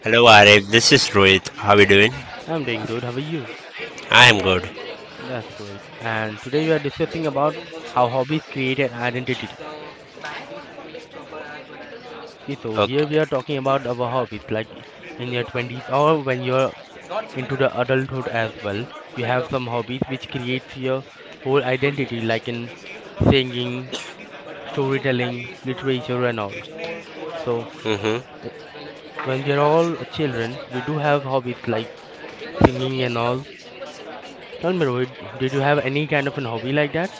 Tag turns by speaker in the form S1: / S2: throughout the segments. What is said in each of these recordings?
S1: Hello Arif, this is Rohit. How are you doing?
S2: I'm doing good. How are you?
S1: I am good.
S2: That's great. And today we are discussing about how hobbies create an identity. Okay, so here
S1: Okay.
S2: we are talking about our hobbies, like in your 20s or when you're into the adulthood as well. You have some hobbies which creates your whole identity, like in singing, storytelling, literature, and all. So
S1: hmm
S2: eh, when we are all children, we do have hobbies like singing and all. Tell me, Rohit, did you have any kind of an hobby like that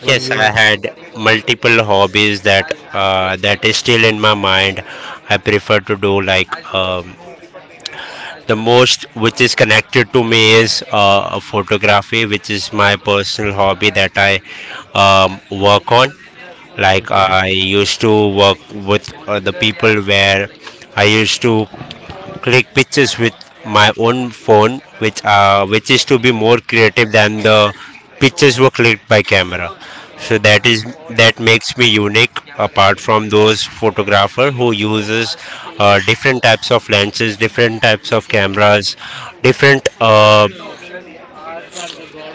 S2: when
S1: Yes,
S2: you were?
S1: I had multiple hobbies that that is still in my mind. I prefer to do like the most which is connected to me is photography, which is my personal hobby that I um, work on like
S2: Mm-hmm.
S1: i used to work with the people where I used to click pictures with my own phone, which is to be more creative than the pictures were clicked by camera. So that makes me unique apart from those photographer who uses different types of lenses, different types of cameras, different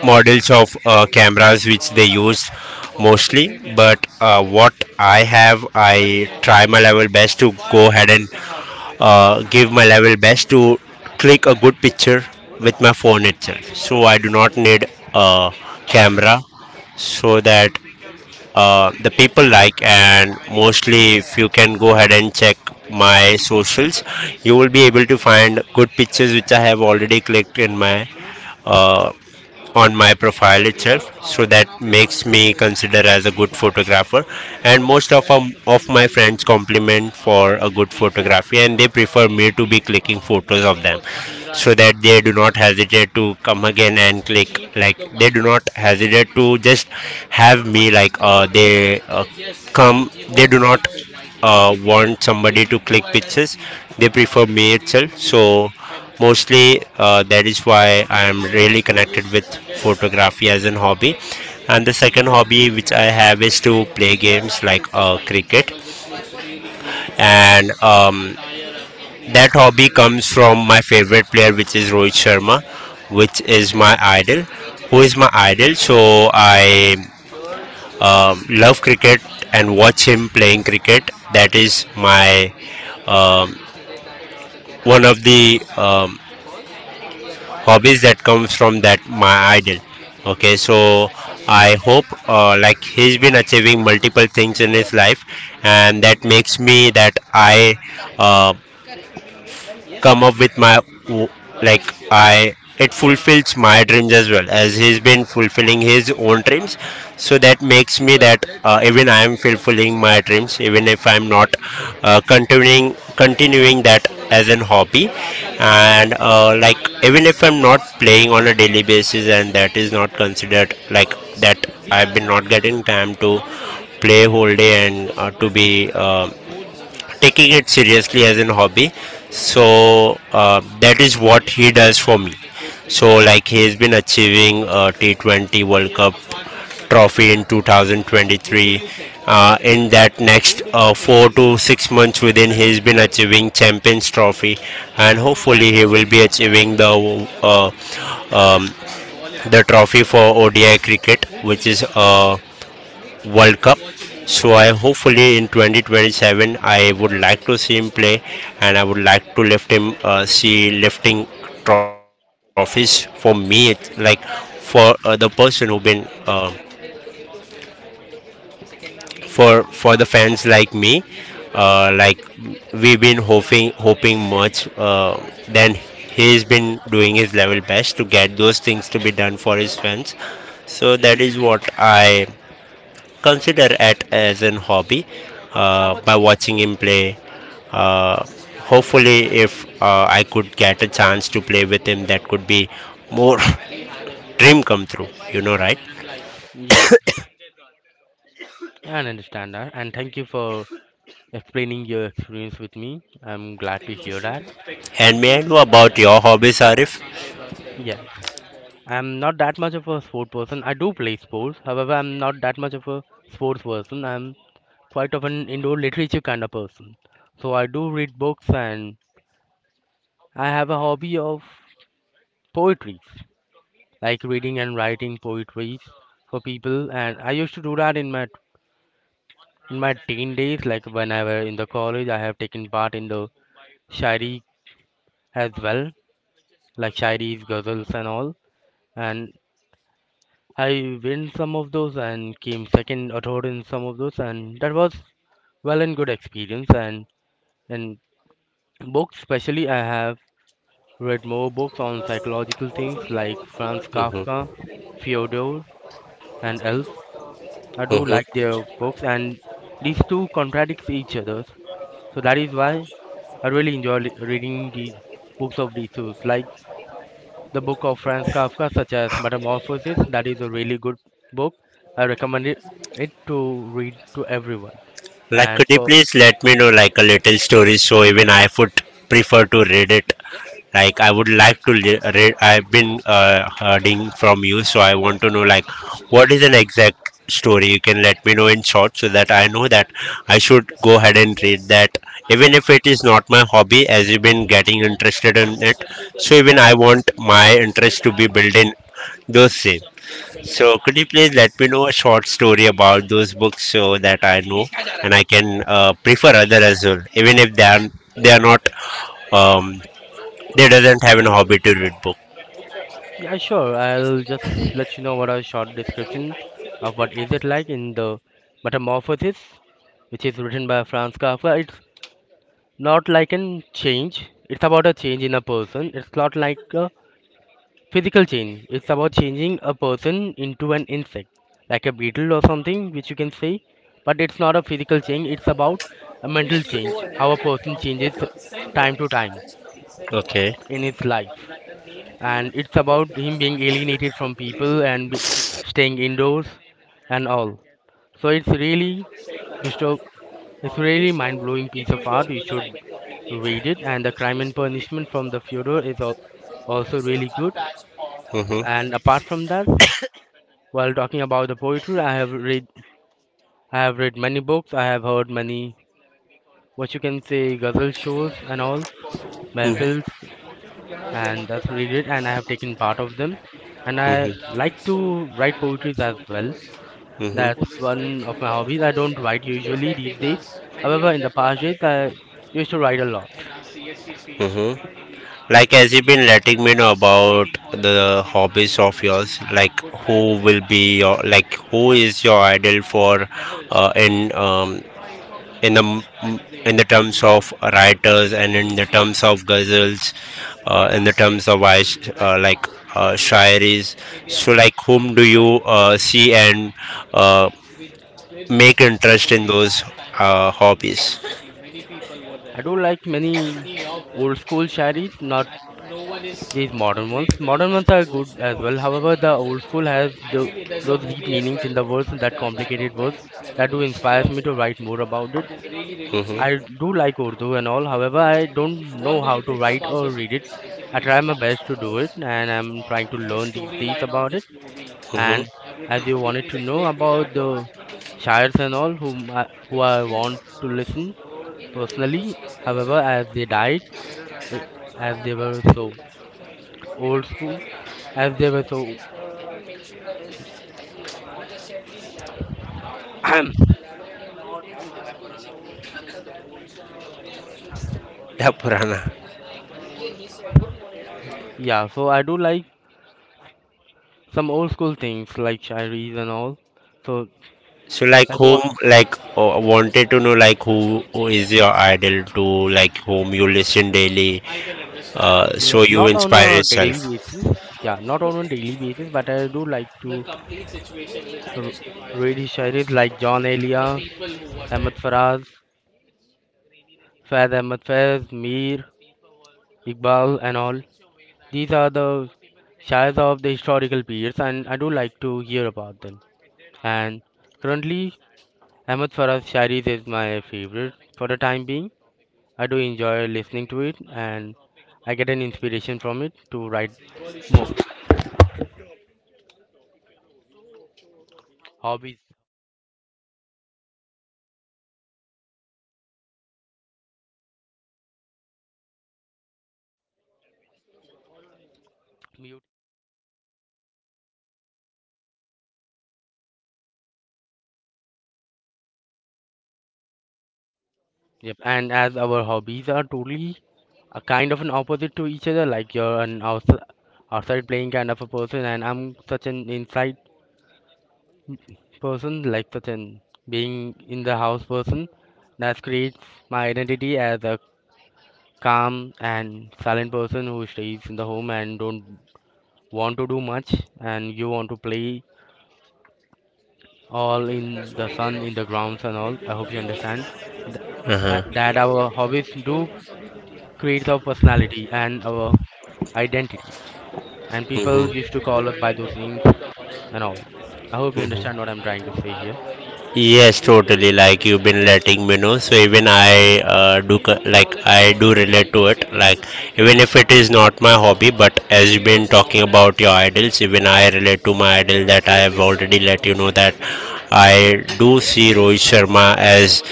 S1: models of cameras which they use mostly, but what I have, I try my level best to go ahead and give my level best to click a good picture with my phone itself, so I do not need a camera. So that the people like, and mostly if you can go ahead and check my socials, you will be able to find good pictures which I have already clicked in my uh, on my profile itself. So that makes me consider as a good photographer, and most of my friends compliment for a good photography, and they prefer me to be clicking photos of them so that they do not hesitate to come again and click. Like, they do not hesitate to just have me like they come, they do not want somebody to click pictures, they prefer me itself. So mostly that is why I am really connected with photography as an hobby. And the second hobby which I have is to play games like cricket. And that hobby comes from my favorite player, which is Rohit Sharma, which is my idol who is my idol. So I love cricket and watch him playing cricket. That is my um, one of the hobbies that comes from that my idol. Okay, so I hope like he's been achieving multiple things in his life, and that makes me that I uh, come up with my w- like I it fulfills my dreams as well as he's been fulfilling his own dreams. So that makes me that even I am fulfilling my dreams, even if I'm not continuing that as an hobby. And like, even if I'm not playing on a daily basis, and that is not considered like that I've been not getting time to play whole day, and to be taking it seriously as a hobby. So that is what he does for me. So like, he has been achieving a T20 World Cup trophy in 2023. In that next, 4 to 6 months within, he's been achieving Champions Trophy, and hopefully he will be achieving um, the trophy for ODI cricket, which is World Cup. So I hopefully in 2027 I would like to see him play, and I would like to lift him, see lifting trophies for me. It's like for the person who been for the fans like me, like, we've been hoping much. Then he's been doing his level best to get those things to be done for his fans. So that is what I consider it as an hobby by watching him play. Uh, Hopefully if I could get a chance to play with him, that could be more dream come true. You know, right?
S2: Yeah, I understand that. And thank you for explaining your experience with me. I'm glad to hear that.
S1: And may I know about your hobbies, Arif?
S2: Yes. I'm not that much of a sport person. I do play sports. However, I'm not that much of a sports person. I'm quite of an indoor literature kind of person. So I do read books and I have a hobby of poetry, like reading and writing poetry for people. And I used to do that in my teen days, like when I were in the college. I have taken part in the Shairi as well, like Shairis, ghazals, and all. And I win some of those and came second or third in some of those, and that was well and good experience. And in books, especially, I have read more books on psychological things like Franz Kafka,
S1: hmm
S2: Fyodor, and else. I do like their books, and these two contradict each other, so that is why I really enjoy reading the books of these two. Like the book of Franz Kafka, such as Metamorphosis. That is a really good book. I recommend it, it to read to everyone.
S1: Like,
S2: And
S1: could you
S2: so,
S1: please let me know like a little story so even I would prefer to read it. Like, I would like to read. I've been hearing from you, so I want to know like what is an exact story. You can let me know in short so that I know that I should go ahead and read that. Even if it is not my hobby, as you've been getting interested in it, so even I want my interest to be built in those same. So, could you please let me know a short story about those books so that I know, and I can prefer other as well, even if they are they are not um, they doesn't have a hobby to read book.
S2: yeah, sure. I'll just let you know what a short description of what is it like in the Metamorphosis, which is written by Franz Kafka. It's not like a change. It's about a change in a person. It's not like a physical change. It's about changing a person into an insect, like a beetle or something, which you can say. But it's not a physical change, it's about a mental change, how a person changes time to time
S1: Okay.
S2: in his life. And it's about him being alienated from people and be staying indoors and all. So it's really disturb it's really mind blowing piece of art. You should read it, and the crime and punishment from the Fyodor is also really good.
S1: Mhm.
S2: And apart from that, while talking about the poetry, I have read many books. I have heard many what you can say ghazal shows and all
S1: Mhm.
S2: mehfils, and that's really great. And I have taken part of them, and I
S1: Mhm.
S2: like to write poetries as well.
S1: Mhm.
S2: That's one of my hobbies. I don't write usually these days. However, in the past days, I used to write a lot.
S1: Mhm. Like, as you've been letting me know about the hobbies of yours, like, who will be your like who is your idol for uh, in um, in the in the terms of writers and in the terms of ghazals, in the terms of like shairis. So like, whom do you see and uh, make interest in those hobbies?
S2: I do like many old school shairis, not these modern ones are good as well. However, the old school has those deep meanings in the words, that complicated words that do inspire me to write more about it. I
S1: Mm-hmm.
S2: do like Urdu and all. However, I don't know how to write or read it. I try my best to do it, and I'm trying to learn these days about it. And
S1: Mm-hmm.
S2: as you wanted to know about the shires and all, who I want to listen personally. However, as they died, it, as they were so old school, as they were so
S1: Yeah, purana.
S2: yeah, so I do like some old school things like shayaris and all. So
S1: So like
S2: I do
S1: whom,
S2: want,
S1: like wanted to know like who is your idol to, like whom you listen daily. So
S2: yep,
S1: you
S2: not on
S1: inspire
S2: a
S1: yourself.
S2: daily basis. Yeah, not on a daily basis, but I do like to r- read his shayaris, like John Elia, Ahmad Faraz, Faiz Ahmad Faiz, Mir, Iqbal, and all. These are the shayars of the historical periods and I do like to hear about them. And currently Ahmed Farah's Shairis is my favorite for the time being. I do enjoy listening to it and I get an inspiration from it to write more. Hobbies. Mute. Yep. And as our hobbies are totally a kind of an opposite to each other, like you're an outside playing kind of a person, and I'm such an inside person, like such an being in the house person. That creates my identity as a calm and silent person who stays in the home and don't want to do much, and you want to play all in the sun, in the grounds and all. I hope you understand th-
S1: Uh-huh.
S2: that our hobbies do create our personality and our identity. And people
S1: hmm
S2: used to call us by those names and all. I hope you understand what I'm trying to say here.
S1: Yes, totally. Like you've been letting me know, so even I like I do relate to it. Like, even if it is not my hobby, but as you've been talking about your idols, even I relate to my idol that I have already let you know that I do see Rohit Sharma as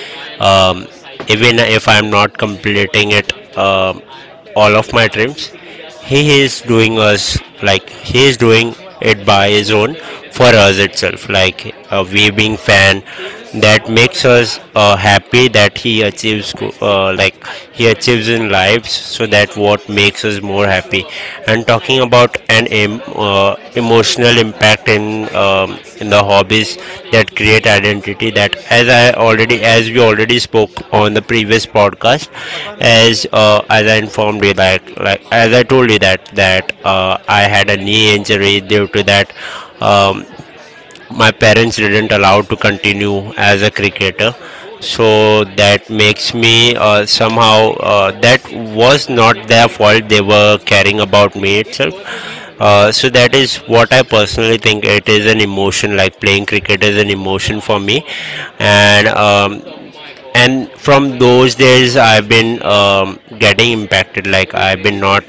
S1: um, even if I'm not completing it um all of my dreams. He is doing us, like he is doing it by his own for us itself, like a we being fan, that makes us happy that he achieves like he achieves in lives, so that what makes us more happy. And talking about an emotional impact in the hobbies that create identity, that as I already, as we already spoke on the previous podcast, as I informed you that, like as I told you that I had a knee injury. Due to that, um, my parents didn't allow to continue as a cricketer. So that makes me somehow that was not their fault, they were caring about me itself. So that is what I personally think, it is an emotion, like playing cricket is an emotion for me. And and from those days I've been getting impacted, like I've been not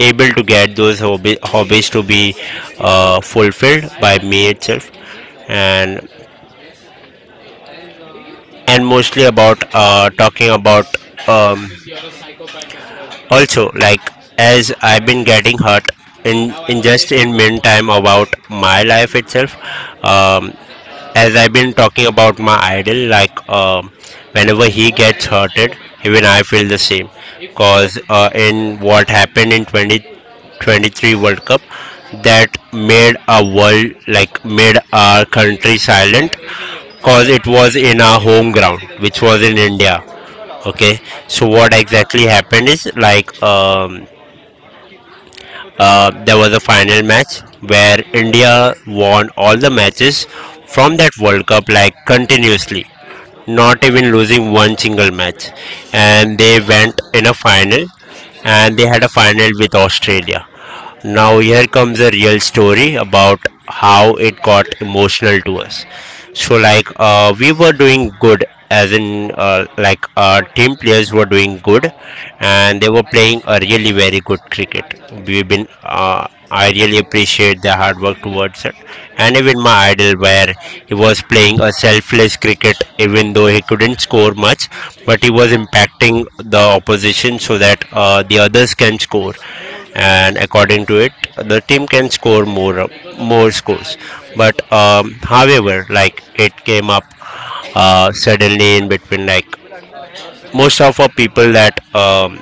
S1: able to get those hobbies to be fulfilled by me itself. And mostly about talking about um, also, like, as I've been getting hurt in just in meantime about my life itself. um, as I've been talking about my idol, like whenever he gets hurted, even I feel the same. Cause in what happened in 2023 world cup, that made a world, like made our country silent, cause it was in our home ground, which was in India. Okay, so what exactly happened is like there was a final match where India won all the matches from that World Cup, like continuously, not even losing one single match, and they went in a final, and they had a final with Australia. Now, here comes a real story about how it got emotional to us. So, like, we were doing good, as in, like, our team players were doing good, and they were playing a really very good cricket. I really appreciate their hard work towards it, and even my idol, where he was playing a selfless cricket, even though he couldn't score much, but he was impacting the opposition so that the others can score, and according to it, the team can score more scores. But however, like it came up suddenly in between, like most of our people that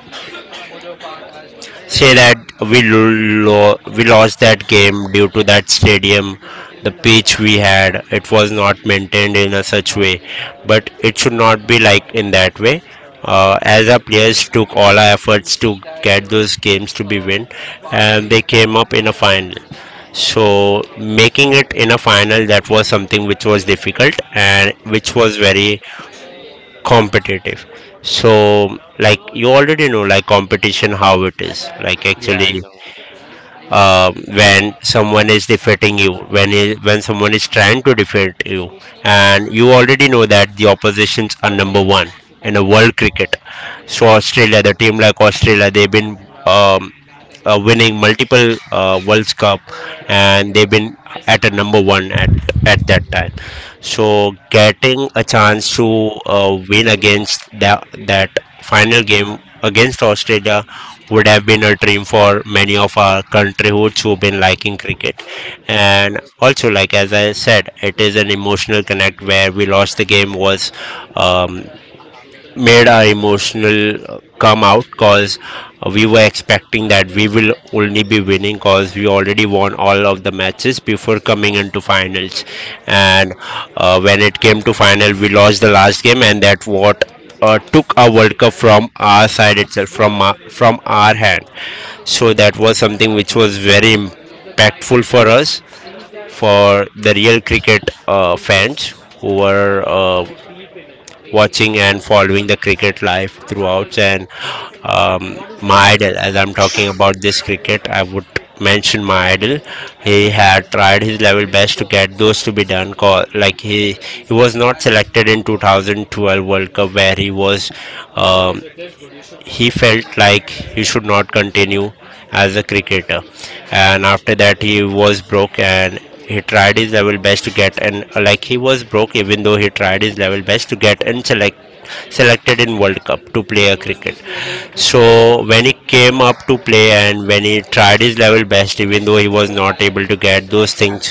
S1: say that we lost that game due to that stadium, the pitch we had, it was not maintained in a such way, but it should not be like in that way. As our players took all our efforts to get those games to be win, and they came up in a final, so making it in a final, that was something which was difficult and which was very competitive. So like, you already know like competition how it is like,
S2: Yeah, I
S1: actually
S2: know.
S1: when someone is defeating you, when someone is trying to defeat you, and you already know that the oppositions are number one in a world cricket. So Australia, the team, like Australia, they've been um, winning multiple world cup, and they've been at a number one at that time. So getting a chance to win against that final game against Australia would have been a dream for many of our country hoods who've been liking cricket. And also, like as I said, it is an emotional connect where we lost. The game was um, made our emotional come out because we were expecting that we will only be winning because we already won all of the matches before coming into finals. And when it came to final we lost the last game, and that what took our world cup from our side itself, from from our hand. So that was something which was very impactful for us, for the real cricket fans who were watching and following the cricket life throughout. And my idol, as I'm talking about this cricket, I would mention my idol. He had tried his level best to get those to be done. Call like he was not selected in 2012 World Cup where he was. Um, he felt like he should not continue as a cricketer, and after that he was broke. And he tried his level best to get, and like he was broke even though he tried his level best to get and selected in world cup to play a cricket. So when he came up to play and when he tried his level best, even though he was not able to get those things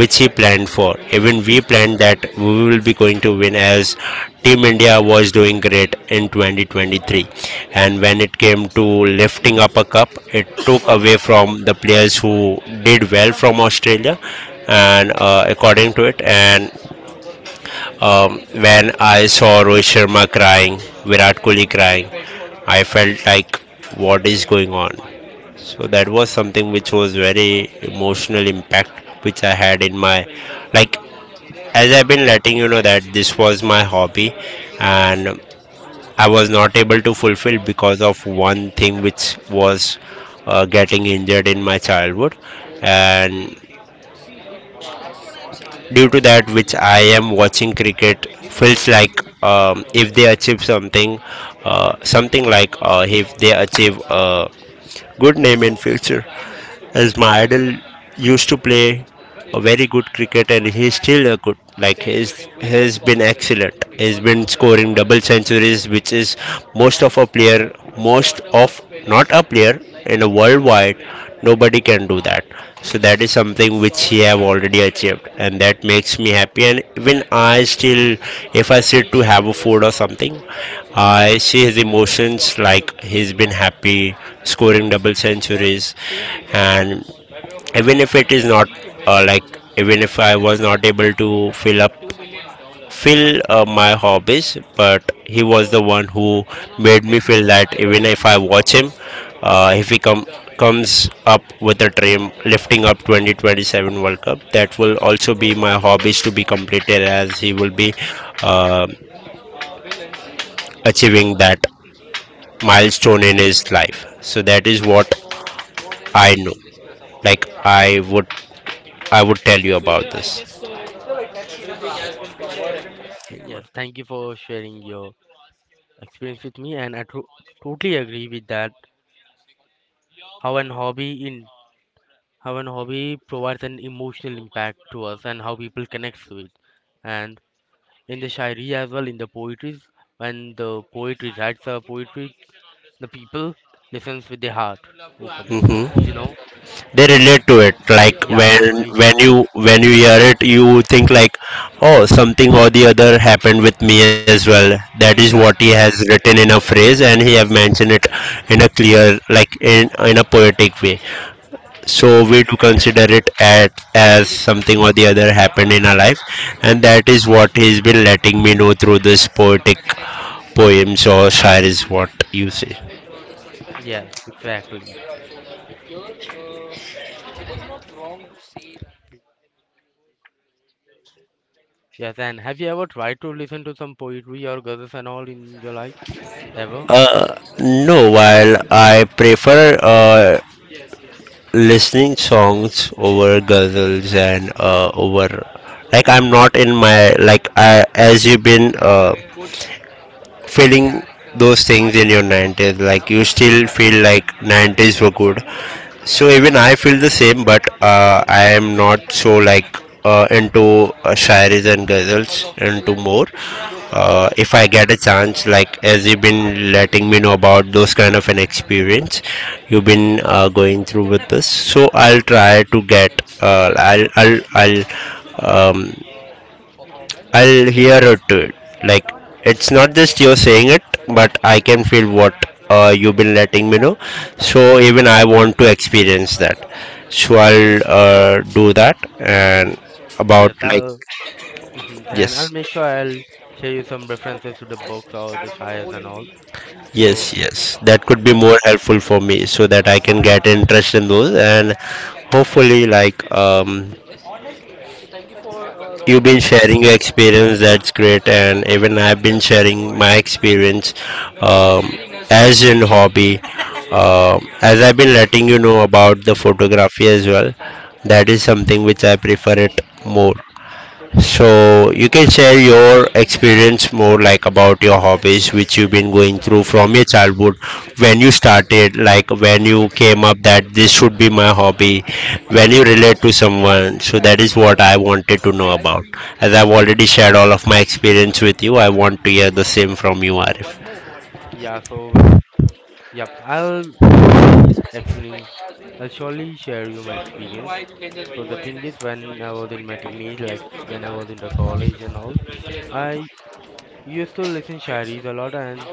S1: which he planned for. Even we planned that we will be going to win, as Team India was doing great in 2023. And when it came to lifting up a cup, it took away from the players who did well from Australia. And according to it, and when I saw Rohit Sharma crying, Virat Kohli crying, I felt like what is going on. So that was something which was very emotional impact which I had in my, like, as I've been letting you know that this was my hobby. And I was not able to fulfill because of one thing, which was getting injured in my childhood. And due to that, which I am watching cricket, feels like if they achieve something, something like if they achieve a good name in future, as my idol used to play a very good cricket. And he's still a good, like he's has been excellent. He's been scoring double centuries, which is most of a player, most of, not a player, in a worldwide nobody can do that. So that is something which he have already achieved, and that makes me happy. And even I still, if I sit to have a food or something, I see his emotions, like he's been happy scoring double centuries. And even if it is not like, even if I was not able to fill up fill my hobbies, but he was the one who made me feel that even if I watch him, if he comes up with a dream lifting up 2027 World Cup, that will also be my hobbies to be completed, as he will be uh, achieving that milestone in his life. So that is what I know. Like I would tell you about this.
S2: Yes, thank you for sharing your experience with me, and I totally agree with that. How an hobby provides an emotional impact to us, and how people connect to it, and in the shairi as well, in the poetries, when the poet recites a poetry, the people listens with their heart open,
S1: Hmm.
S2: you know.
S1: They relate to it, like
S2: Yeah,
S1: when
S2: they relate
S1: when
S2: to it.
S1: you hear it you think like, oh, something or the other happened with me as well, that is what
S2: yeah
S1: he has written in a phrase and he have mentioned it in a clear, like in a poetic way. So
S2: y-
S1: we do consider it at as something or the other happened in our life. And that is what he's been letting me know through this poetic poems, or shire is what you say.
S2: yes, exactly. Yes, and have you ever tried to listen to some poetry or ghazals and all in your life ever?
S1: No, while I prefer uh listening songs over guzzles, and over, like I'm not in my, like I, as you've been feeling those things in your 90s, like you still feel like 90s were good. So even I feel the same, but I am not so like into shairis and ghazals into more. If I get a chance, like as you've been letting me know about those kind of an experience you've been going through with this, so I'll try to get I'll um, I'll hear it. Like, it's not just you saying it, but I can feel what you've been letting me know. So even I want to experience that. So I'll do that. And about,
S2: Yes
S1: like,
S2: I'll Mhm, and I'll
S1: yes,
S2: make sure I'll share you some references to the books or the shires and all. So,
S1: yes, yes. That could be
S2: yeah
S1: more helpful for me so that I can get interest in those. And hopefully like, you've been
S2: yep
S1: sharing your experience, that's great, and even I've been sharing my experience, um, as in hobby. As I've been letting you know about the photography as well, that is something which I prefer it more. So you can share your experience more, like about your hobbies which you've been going through from your childhood, when you started, like when you came up that this should be my hobby, when you relate to someone. So that is what I wanted to know about, as I've already shared all of my experience with you. I want to hear the same from you, Arif.
S2: yeah so yep. I'll surely experience. I'll surely share you my experience. So the thing is, when I was in my teenage, like when I was in the college and all, I used to listen sharis a lot. And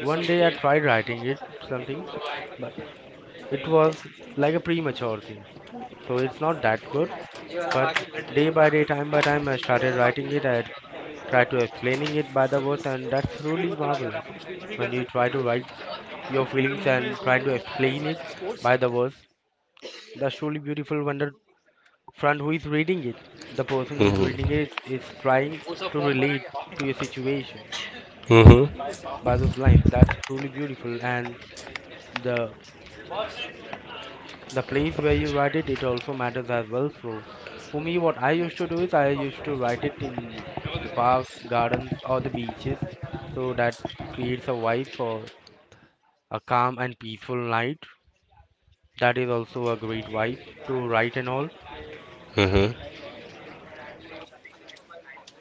S2: one day I tried writing it something, but it was like a premature thing. So it's not that good. But day by day, time by time, I started writing it. I tried to explaining it by the words, and that's really marvelous. When you try to write your feelings and trying to explain it by the words, that's truly beautiful. When the friend who is reading it, the person who is reading
S1: Mhm.
S2: it is trying to relate to your situation
S1: Mhm.
S2: by those lines. That's truly beautiful, and the the place where you write it, it also matters as well. So for me, what I used to do is I used to write it in the parks, gardens, or the beaches, so that creates a vibe for a calm and peaceful night. That is also a great vibe to write and all.
S1: Mhm.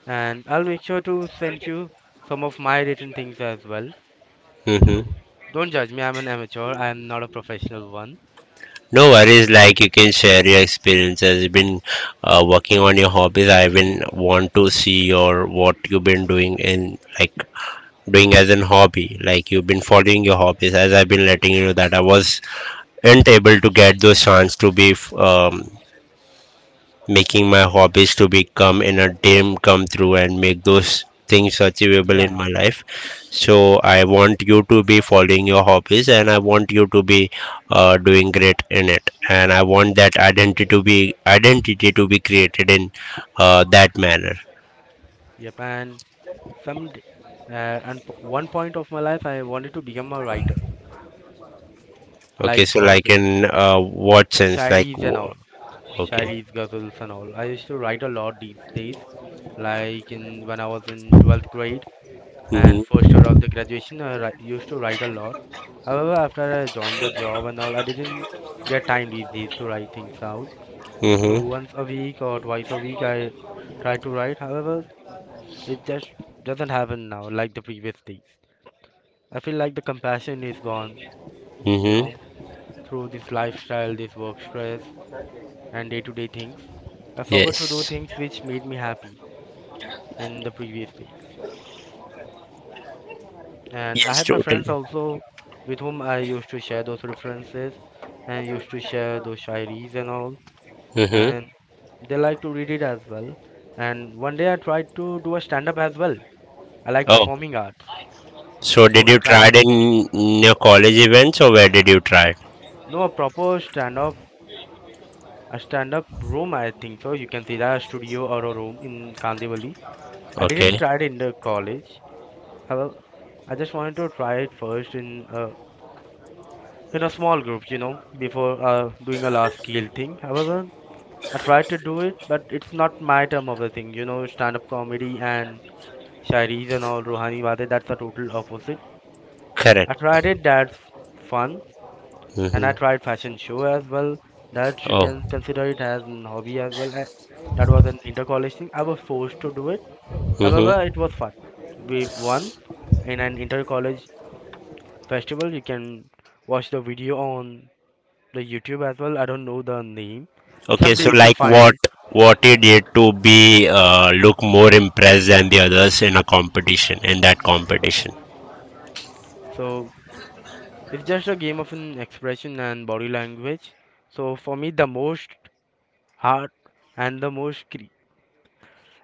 S2: And I'll make sure to send you some of my written things as well.
S1: Mhm.
S2: So don't judge me, I'm an amateur, I'm not a professional one.
S1: No worries, like you can share your experiences. You've been working on your hobbies. I even want to see your what you've been doing in, like, doing as an hobby. Like you've been following your hobbies. As I've been letting you know that I wasn't able to get those chance to be making my hobbies to become in a dream come true and make those things achievable in
S2: Yeah,
S1: my life. So I want you to be following your hobbies, and I want you to be doing great in it. And I want that identity to be created in that manner.
S2: yep. And some uh, and p- one point of my life I wanted to become a writer,
S1: Okay,
S2: like
S1: so
S2: for
S1: like
S2: the
S1: in what sense, like
S2: shairis and all,
S1: okay.
S2: shairis, ghazals and all. I used to write a lot these days, like in when I was in 12th grade and
S1: Mm-hmm.
S2: first year of the graduation, I used to write a lot. However, after I joined the job and all, I didn't get time these days to write things out. So
S1: Mm-hmm.
S2: once a week or twice a week, I try to write. However, it just doesn't happen now like the previous days. I feel like the compassion is gone, you
S1: Mm-hmm.
S2: know, through this lifestyle, this work stress, and day to day things. I forgot to do
S1: Yes.
S2: things which made me happy in the previous days. And I
S1: Yes,
S2: had my friends
S1: totally.
S2: also with whom I used to share those references and used to share those shairis and all.
S1: Mm-hmm.
S2: And they like to read it as well. And one day I tried to do a stand up as well. I like
S1: Oh.
S2: performing arts.
S1: So
S2: So
S1: did
S2: I
S1: you
S2: tried,
S1: try it in your college events, or where did you try it?
S2: no, a proper stand up, a stand up room, I think so. You can see that, a studio or a room in Kandivali. I didn't
S1: Okay,
S2: try it in the college. Hello. I just wanted to try it first in a small group, you know, before doing a large scale thing. However, I tried to do it, but it's not my term of the thing, you know, stand up comedy and shairis and all Rohani Bate, that's the total opposite. I
S1: correct.
S2: tried it, that's fun, and I
S1: Hmm.
S2: tried fashion show as well. That you
S1: Oh.
S2: can consider it as an hobby as well. I, that was an inter college thing. I was forced to do it.
S1: Hmm.
S2: However, it was fun. We've won in an inter college festival. You can watch the video on the YouTube as well. I don't know the name.
S1: Okay, so
S2: Someday if you
S1: like
S2: find
S1: what
S2: it.
S1: what you did to be look more impressed than the others in that competition.
S2: So it's just a game of an expression and body language. So for me, the most hard and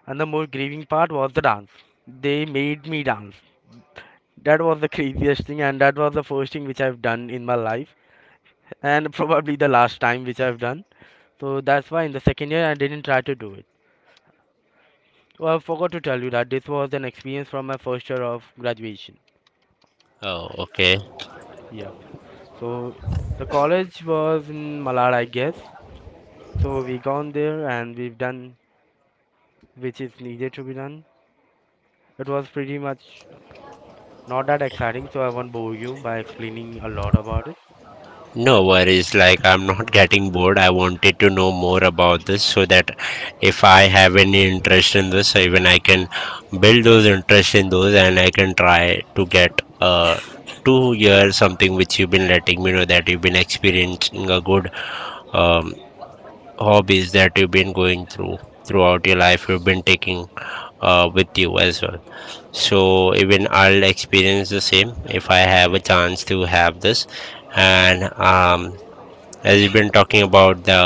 S2: and the most grieving part was the dance. They made me dance. That was the craziest thing, and that was the first thing which I've done in my life, and probably the last time which I've done. So that's why in the second year I didn't try to do it. Well, I forgot to tell you that this was an experience from my first year of graduation.
S1: Oh, okay.
S2: Yep. So the college was in Malad, I guess. So we gone there and we've done which is needed to be done. It was pretty much not that exciting, so I won't bore you by explaining a lot about it.
S1: No worries, like I'm not getting bored. I wanted to know more about this so that if I have any interest in this, even I can build those interest in those, and I can try to get to hear something which you've been letting me know that you've been experiencing a good, um hobbies that you've been going through throughout your life, you've been taking with you as well. So even I'll experience the same if I have a chance to have this. And as you've been talking about the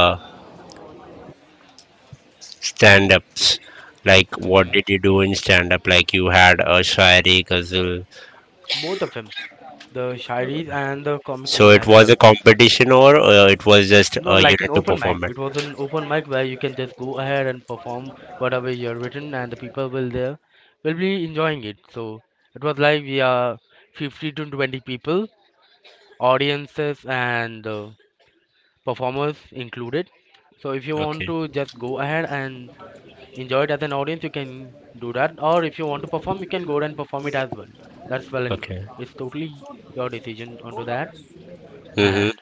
S1: stand ups, like what
S2: Hmm.
S1: did you do in stand up? Like you had a Shairi, Ghazal.
S2: Both of them, the Shairis and the comic
S1: So
S2: one
S1: it
S2: as
S1: was
S2: well.
S1: a competition, or it was just
S2: No,
S1: a
S2: like
S1: unit
S2: an
S1: to
S2: open mic.
S1: perform
S2: It was
S1: it?
S2: an open mic where you can just go ahead and perform whatever you're written, and the people will there will be enjoying it. So it was like we are 50 to 20 people, audiences and performers included. So if you want
S1: Okay,
S2: to just go ahead and enjoy it as an audience, you can do that. Or if you want to perform, you can go ahead and perform it as well. That's well and good.
S1: okay.
S2: It's totally your decision onto that.
S1: Mm-hmm.
S2: And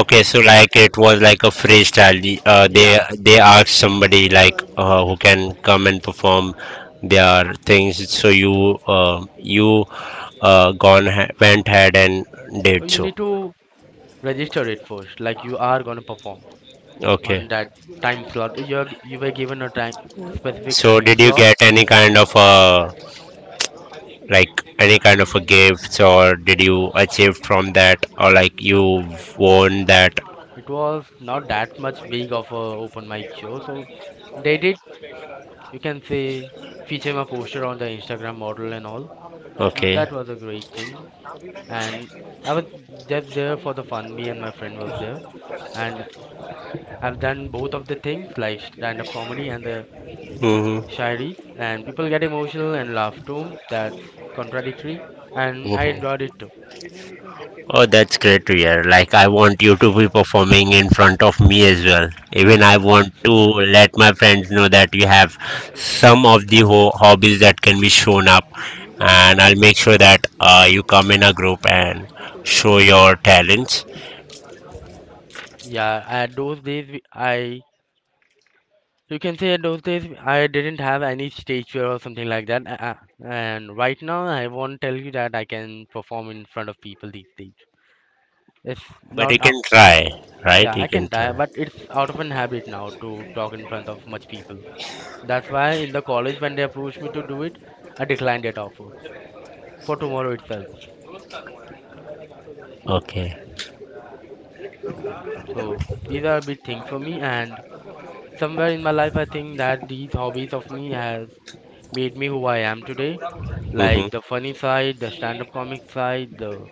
S1: Okay, so like it was like a freestyle.
S2: yeah,
S1: They asked somebody like who can come and perform their things. So you uh, you went ahead and
S2: so
S1: did
S2: you
S1: so.
S2: need to register it first, like you are going to perform on
S1: Okay.
S2: that time slot. You were given a time, specific
S1: So,
S2: time
S1: did you
S2: slot.
S1: get any kind of a, like, any kind of a gifts, or did you achieve from that, or like you won that?
S2: It was not that much big of a open mic show, so they did, you can say, feature my poster on the Instagram model and all.
S1: Okay.
S2: That was a great thing. And I was just there for the fun. Me and my friend was there, and I've done both of the things, like stand-up comedy and the
S1: Mm-hmm.
S2: Shairies, and people get emotional and laugh too. That's contradictory, and I enjoyed
S1: Mm-hmm.
S2: it too.
S1: Oh, that's great to hear. Like, I want you to be performing in front of me as well. Even I want to let my friends know that you have some of the hobbies that can be shown up, and I'll make sure that you come in a group and show your talents.
S2: Yeah, at those days, I you can say at those days I didn't have any stage fear or something like that. And right now, I won't tell you that I can perform in front of people these days. It's
S1: But you
S2: not
S1: can
S2: out.
S1: try, right?
S2: Yeah,
S1: You
S2: I
S1: can
S2: can die,
S1: try.
S2: but it's out of an habit now to talk in front of much people. That's why in the college when they approached me to do it, I declined that offer for tomorrow itself.
S1: Okay.
S2: Yeah. So these are big things for me, and somewhere in my life, I think that these hobbies of me has made me who I am today. Like
S1: Mm-hmm.
S2: the funny side, the stand-up comic side, the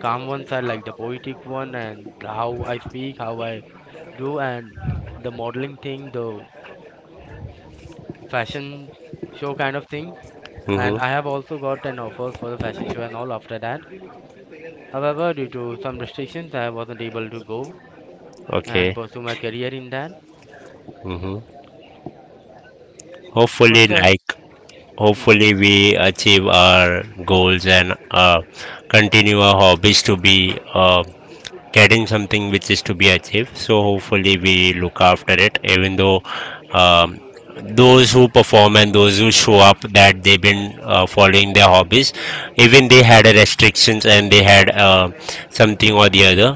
S2: calm one side, like the poetic one, and how I speak, how I do, and the modeling thing, the fashion show kind of thing. And I have
S1: Mm-hmm.
S2: also got an offers for the fashion show and all after that. However, due to some restrictions, I wasn't able to go and
S1: Okay.
S2: pursue my career in that.
S1: Mm-hmm. Hopefully,
S2: What's up?
S1: like, hopefully we achieve our goals and continue our hobbies to be getting something which is to be achieved. So hopefully we look after it, even though um, those who perform and those who show up that they've been following their hobbies, even they had a restrictions, and they had something or the other,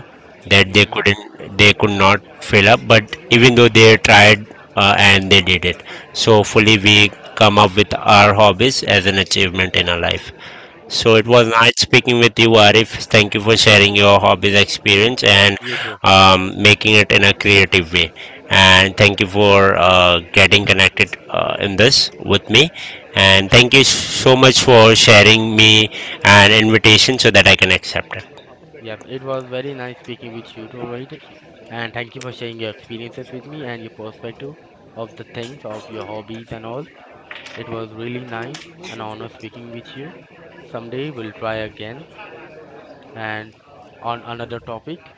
S1: that they
S2: Mm-hmm.
S1: couldn't, they could not fill up, but even though they tried and they did it. So hopefully we come up with our hobbies as an achievement in our life. So it was
S2: Yeah.
S1: nice speaking with you, Arif. Thank you for sharing your hobbies experience,
S2: Yeah.
S1: and
S2: You too.
S1: making it in a creative way. And thank you for getting connected in this with me. And thank you so much for sharing me an invitation so that I can accept it.
S2: Yep, it was very nice speaking with you too, Rohit. And thank you for sharing your experiences with me and your perspective of the things, of your hobbies and all. It was really nice and honor speaking with you. Someday we'll try again and on another topic.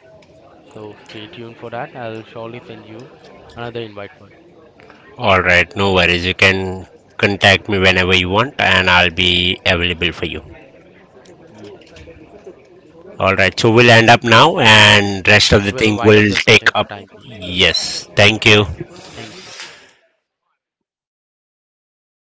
S2: So stay tuned for that. I'll surely send you another invite for it.
S1: All right, no worries. You can contact me whenever you want, and I'll be available for you.
S2: Yes.
S1: All right, so we'll end up now, and rest
S2: Yep,
S1: of the
S2: we'll
S1: thing
S2: wind up
S1: will
S2: the
S1: take
S2: session for
S1: up.
S2: time being. Yep,
S1: Yes, thank you.
S2: thank you.